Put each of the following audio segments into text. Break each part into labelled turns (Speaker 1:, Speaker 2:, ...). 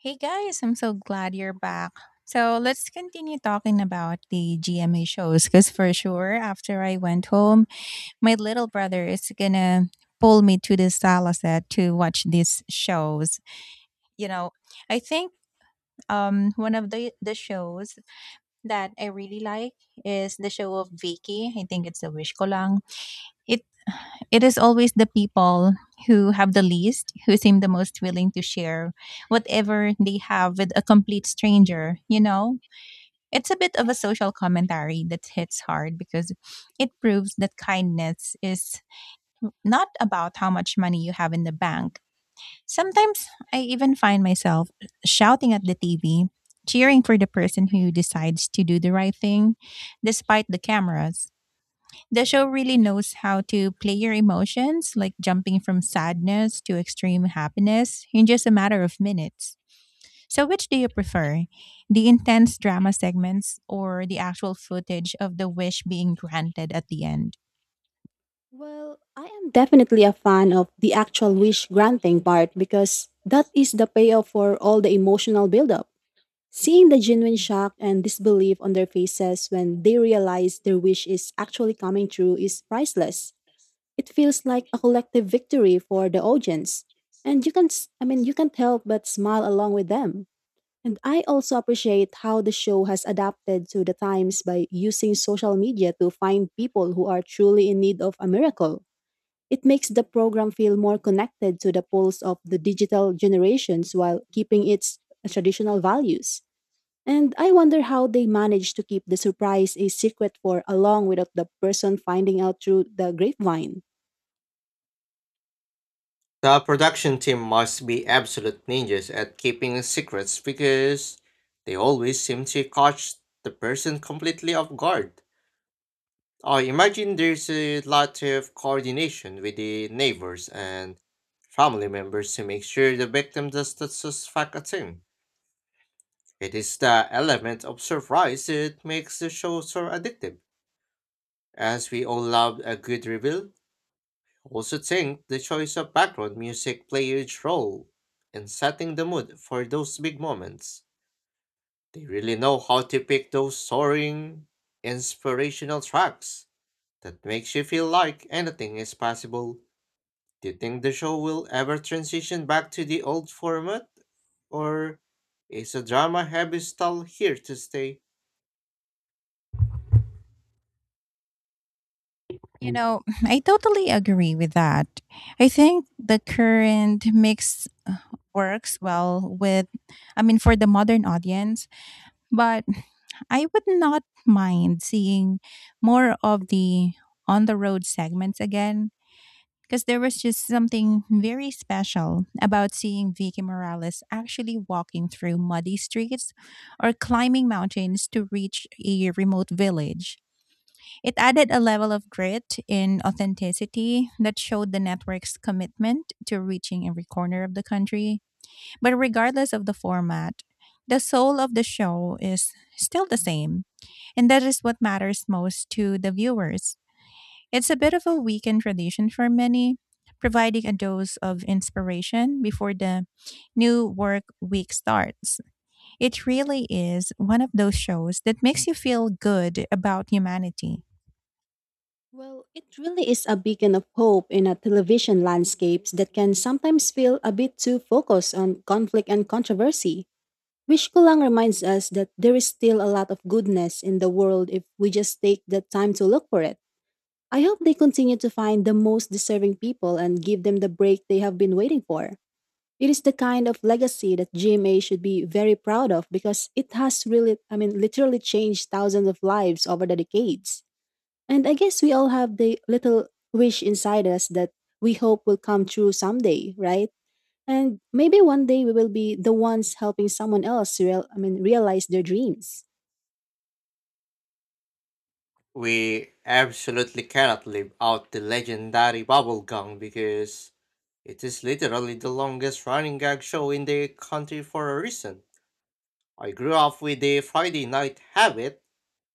Speaker 1: Hey guys, I'm so
Speaker 2: Show of
Speaker 1: glad you're back. So let's
Speaker 2: thinking
Speaker 1: continue talking about the GMA
Speaker 2: and
Speaker 1: shows because
Speaker 2: things
Speaker 1: for
Speaker 2: of
Speaker 1: sure, after I went home, my little
Speaker 2: the
Speaker 1: brother is gonna pull me to the sala set to watch these shows. You know, I think one of the shows that I really like is the show of Vicky. I think it's the Wish Ko Lang. It
Speaker 2: show.
Speaker 1: it is always the people who have the least who seem the most willing to share whatever they have with a complete stranger, you know? It's a bit of a social commentary that hits hard because it proves that kindness is not about how much money you have in the bank. Sometimes I even find myself shouting at the TV, cheering for the person who decides to do the right thing despite the cameras. The show really knows how to play your emotions, like jumping from sadness to extreme happiness in just a matter of minutes. So, which do you prefer? The intense drama segments or the actual footage of the wish being granted at the end?
Speaker 2: Well, I am definitely a fan of the actual wish granting part because that is the payoff for all the emotional buildup. Seeing the genuine shock and disbelief on their faces when they realize their wish is actually coming true is priceless. It feels like a collective victory for the audience. And you can you can't help but smile along with them. And I also appreciate how the show has adapted to the times by using social media to find people who are truly in need of a miracle. It makes the program feel more connected to the pulse of the digital generations while keeping its traditional values. And I wonder how they managed to keep the surprise a secret for along without the person finding out through the grapevine.
Speaker 3: The production team must be absolute ninjas at keeping secrets because they always seem to catch the person completely off guard. I imagine there's a lot of coordination with the neighbors and family members to make sure the victim does not suspect a thing. It is the element of surprise that makes the show so addictive, as we all love a good reveal. I also think the choice of background music play a huge role in setting the mood for those big moments. They really know how to pick those soaring, inspirational tracks that makes you feel like anything is possible. Do you think the show will ever transition back to the old format, or is a drama heavy style here to stay?
Speaker 1: You know, I totally agree with that. I think the current mix works well, for the modern audience, but I would not mind seeing more of the on the road segments again, because there was just something very special about seeing Vicky Morales actually walking through muddy streets or climbing mountains to reach a remote village. It added a level of grit and authenticity that showed the network's commitment to reaching every corner of the country. But regardless of the format, the soul of the show is still the same, and that is what matters most to the viewers. It's a bit of a weekend tradition for many, providing a dose of inspiration before the new work week starts. It really is one of those shows that makes you feel good about humanity.
Speaker 2: Well, it really is a beacon of hope in a television landscapes that can sometimes feel a bit too focused on conflict and controversy. Which Kulang reminds us that there is still a lot of goodness in the world if we just take the time to look for it. I hope they continue to find the most deserving people and give them the break they have been waiting for. It is the kind of legacy that GMA should be very proud of because it has really, I mean, literally changed thousands of lives over the decades. And I guess we all have the little wish inside us that we hope will come true someday, right? And maybe one day we will be the ones helping someone else realize their dreams.
Speaker 3: We absolutely cannot live out the legendary bubblegum because it is literally the longest running gag show in the country for a reason. I grew up with the Friday night habit,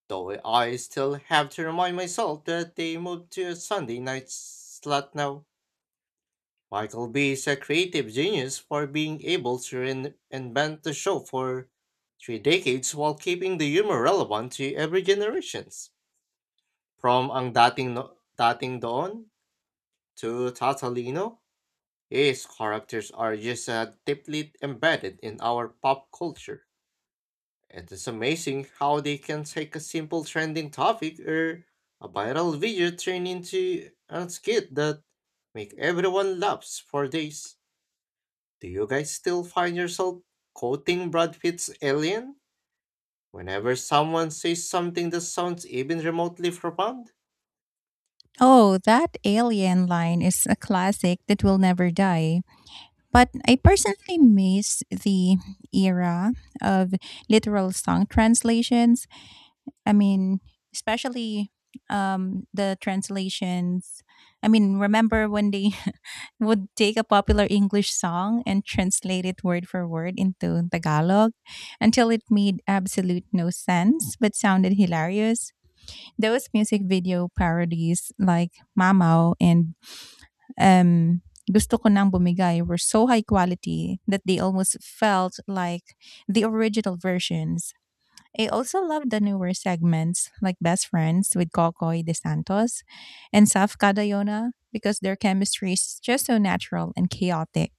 Speaker 3: though I still have to remind myself that they moved to a Sunday night slot now. Michael B is a creative genius for being able to invent the show for three decades while keeping the humor relevant to every generations. From ang dating no, dating Doon to Tatalino, his characters are just deeply embedded in our pop culture. It is amazing how they can take a simple trending topic or a viral video turn into a skit that make everyone laugh for days. Do you guys still find yourself quoting Brad Pitt's Alien whenever someone says something that sounds even remotely profound?
Speaker 1: Oh, that alien line is a classic that will never die. But I personally miss the era of literal song translations I mean, especially um the translations. I mean, remember when they would take a popular English song and translate it word for word into Tagalog until it made absolute no sense but sounded hilarious. Those music video parodies like Mamaw and um Gusto ko nang bumigay were so high quality that they almost felt like the original versions. I also love the newer segments like Best Friends with Kokoy De Santos and Saf Cadayona because their chemistry is just so natural and chaotic.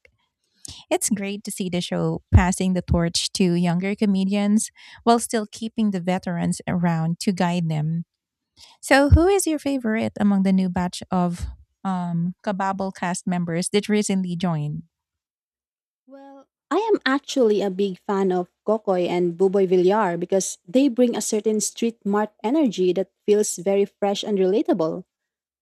Speaker 1: It's great to see the show passing the torch to younger comedians while still keeping the veterans around to guide them. So, who is your favorite among the new batch of Kababble cast members that recently joined?
Speaker 2: Well, I am actually a big fan of Kokoy and Buboy Villar because they bring a certain street mart energy that feels very fresh and relatable.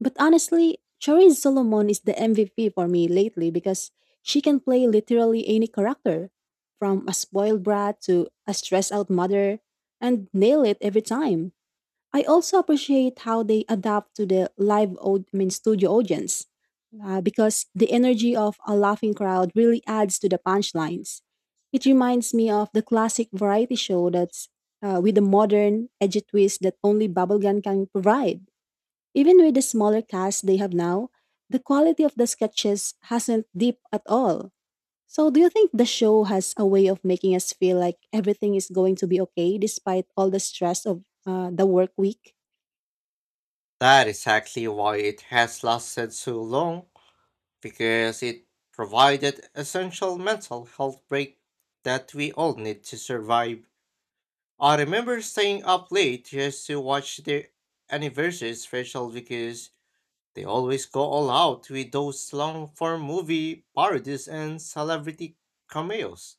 Speaker 2: But honestly, Charisse Solomon is the MVP for me lately because she can play literally any character, from a spoiled brat to a stressed out mother, and nail it every time. I also appreciate how they adapt to the live, studio audience, because the energy of a laughing crowd really adds to the punchlines. It reminds me of the classic variety show that's with a modern edgy twist that only bubblegum can provide. Even with the smaller cast they have now, the quality of the sketches hasn't dipped at all. So, do you think the show has a way of making us feel like everything is going to be okay despite all the stress of the work week?
Speaker 3: That is exactly why it has lasted so long, because it provided essential mental health break that we all need to survive. I remember staying up late just to watch the anniversary special because they always go all out with those long form movie parodies and celebrity cameos.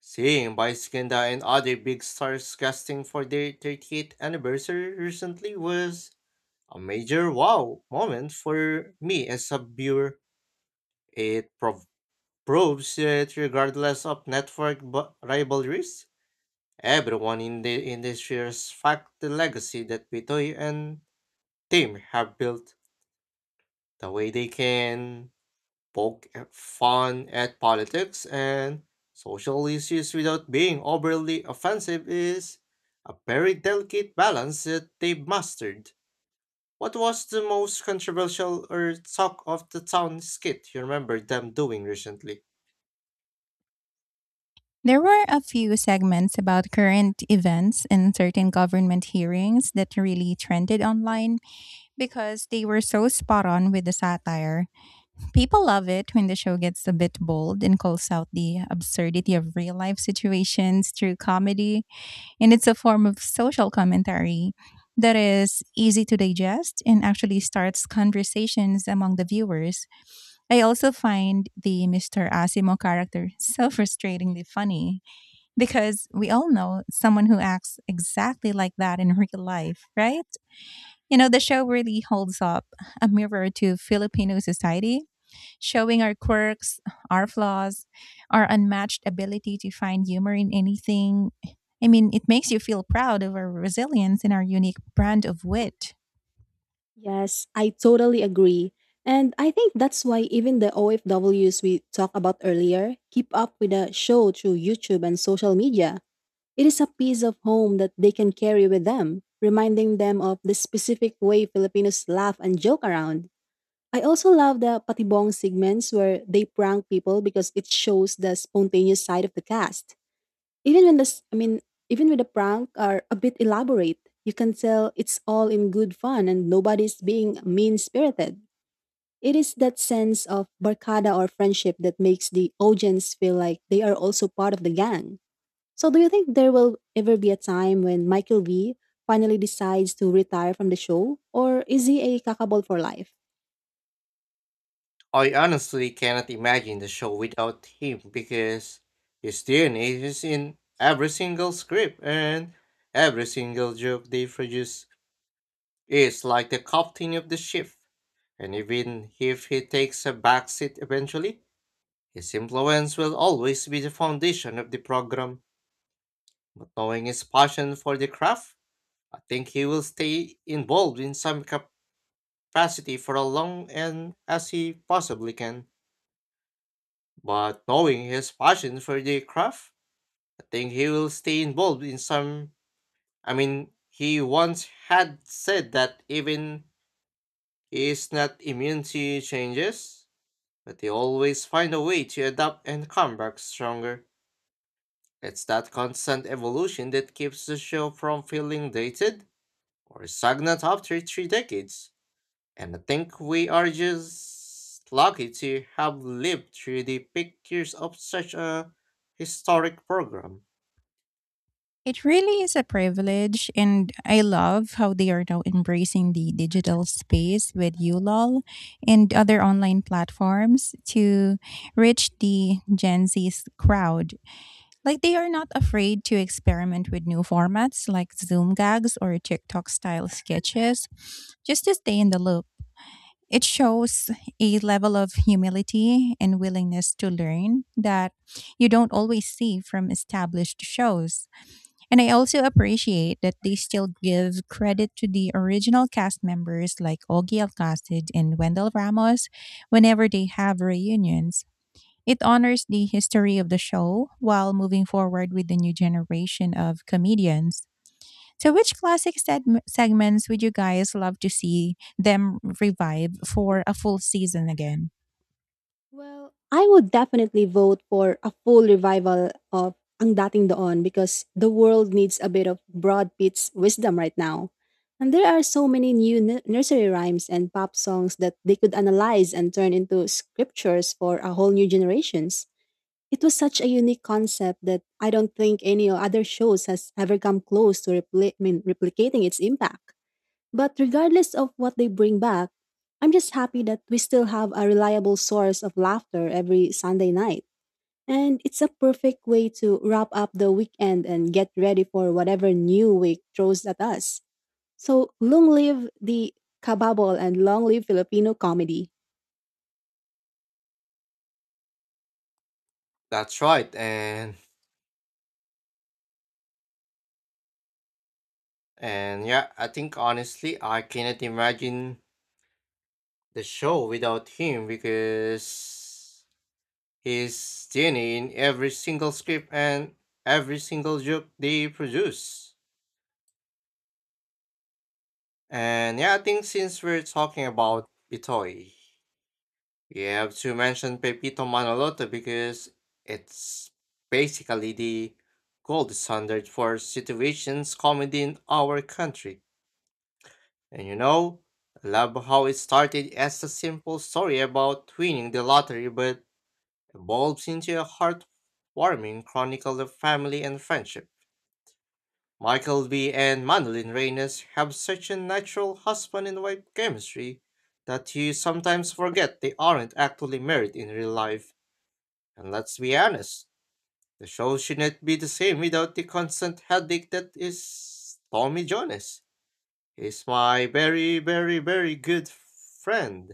Speaker 3: Seeing Bioskinda and other big stars casting for their 38th anniversary recently was a major wow moment for me as a viewer. It prov- proves that regardless of network rivalries, everyone in the industry respects the legacy that Bitoy and team have built. The way they can fun at politics and social issues without being overly offensive is a very delicate balance that they've mastered. What was the most controversial or talk of the town skit you remember them doing recently?
Speaker 1: There were a few segments about current events and certain government hearings that really trended online because they were so spot on with the satire. People love it when the show gets a bit bold and calls out the absurdity of real life situations through comedy, and it's a form of social commentary that is easy to digest and actually starts conversations among the viewers. I also find the Mr. Asimo character so frustratingly funny because we all know someone who acts exactly like that in real life, right? You know, the show really holds up a mirror to Filipino society, showing our quirks, our flaws, our unmatched ability to find humor in anything. I mean, it makes you feel proud of our resilience and our unique brand of wit.
Speaker 2: Yes, I totally agree. And I think that's why even the OFWs we talked about earlier keep up with the show through YouTube and social media. It is a piece of home that they can carry with them, reminding them of the specific way Filipinos laugh and joke around. I also love the patibong segments where they prank people because it shows the spontaneous side of the cast. Even when this, I mean, Even when the prank are a bit elaborate, you can tell it's all in good fun and nobody's being mean spirited. It is that sense of barkada or friendship that makes the audience feel like they are also part of the gang. So, do you think there will ever be a time when Michael V finally decides to retire from the show, or is he a kakabol for life?
Speaker 3: I honestly cannot imagine the show without him because his DNA is in every single script and every single joke they produce is like the captain of the ship. And even if he takes a backseat eventually, his influence will always be the foundation of the program. But knowing his passion for the craft, I think he will stay involved in some capacity for a long and as he possibly can. But knowing his passion for the craft, I think he will stay involved in some. I mean, he once had said that even he is not immune to changes, but he always find a way to adapt and come back stronger. It's that constant evolution that keeps the show from feeling dated or stagnant after three decades. And I think we are just lucky to have lived through the peak years of such a historic program.
Speaker 1: It really is a privilege, and I love how they are now embracing the digital space with ULOL and other online platforms to reach the Gen Z's crowd. Like, they are not afraid to experiment with new formats like Zoom gags or TikTok style sketches just to stay in the loop. It shows a level of humility and willingness to learn that you don't always see from established shows. And I also appreciate that they still give credit to the original cast members like Ogie Alcacid and Wendell Ramos whenever they have reunions. It honors the history of the show while moving forward with the new generation of comedians. So, which classic segments would you guys love to see them revive for a full season again?
Speaker 2: Well, I would definitely vote for a full revival of Ang Dating Doon because the world needs a bit of Broad Pitt's wisdom right now. And there are so many new nursery rhymes and pop songs that they could analyze and turn into scriptures for a whole new generations. It was such a unique concept that I don't think any other shows has ever come close to replicating its impact. But regardless of what they bring back, I'm just happy that we still have a reliable source of laughter every Sunday night. And it's a perfect way to wrap up the weekend and get ready for whatever new week throws at us. So long live the kababol and long live Filipino comedy.
Speaker 3: That's right, and yeah, I think honestly I cannot imagine the show without him because he's DNA in every single script and every single joke they produce. And yeah, I think since we're talking about Bitoy, you have to mention Pepito Manoloto because it's basically the gold standard for situations comedy in our country. And you know, I love how it started as a simple story about winning the lottery but evolves into a heartwarming chronicle of family and friendship. Michael B. and Madeline Reyes have such a natural husband and wife chemistry that you sometimes forget they aren't actually married in real life. And let's be honest, the show shouldn't be the same without the constant headache that is Tommy Jones. He's my very, very, very good friend.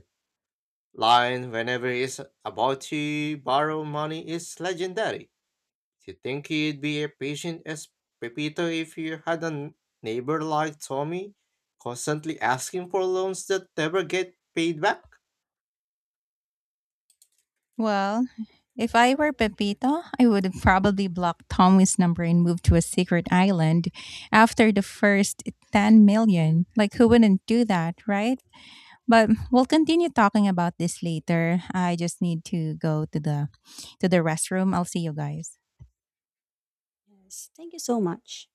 Speaker 3: Line whenever he's about to borrow money is legendary. Do you think he'd be as patient as Pepito if you had a neighbor like Tommy, constantly asking for loans that never get paid back?
Speaker 1: Well, if I were Pepito, I would have probably block Tommy's number and move to a secret island after the first 10 million. Like, who wouldn't do that, right? But we'll continue talking about this later. I just need to go to the restroom. I'll see you guys.
Speaker 2: Yes, thank you so much.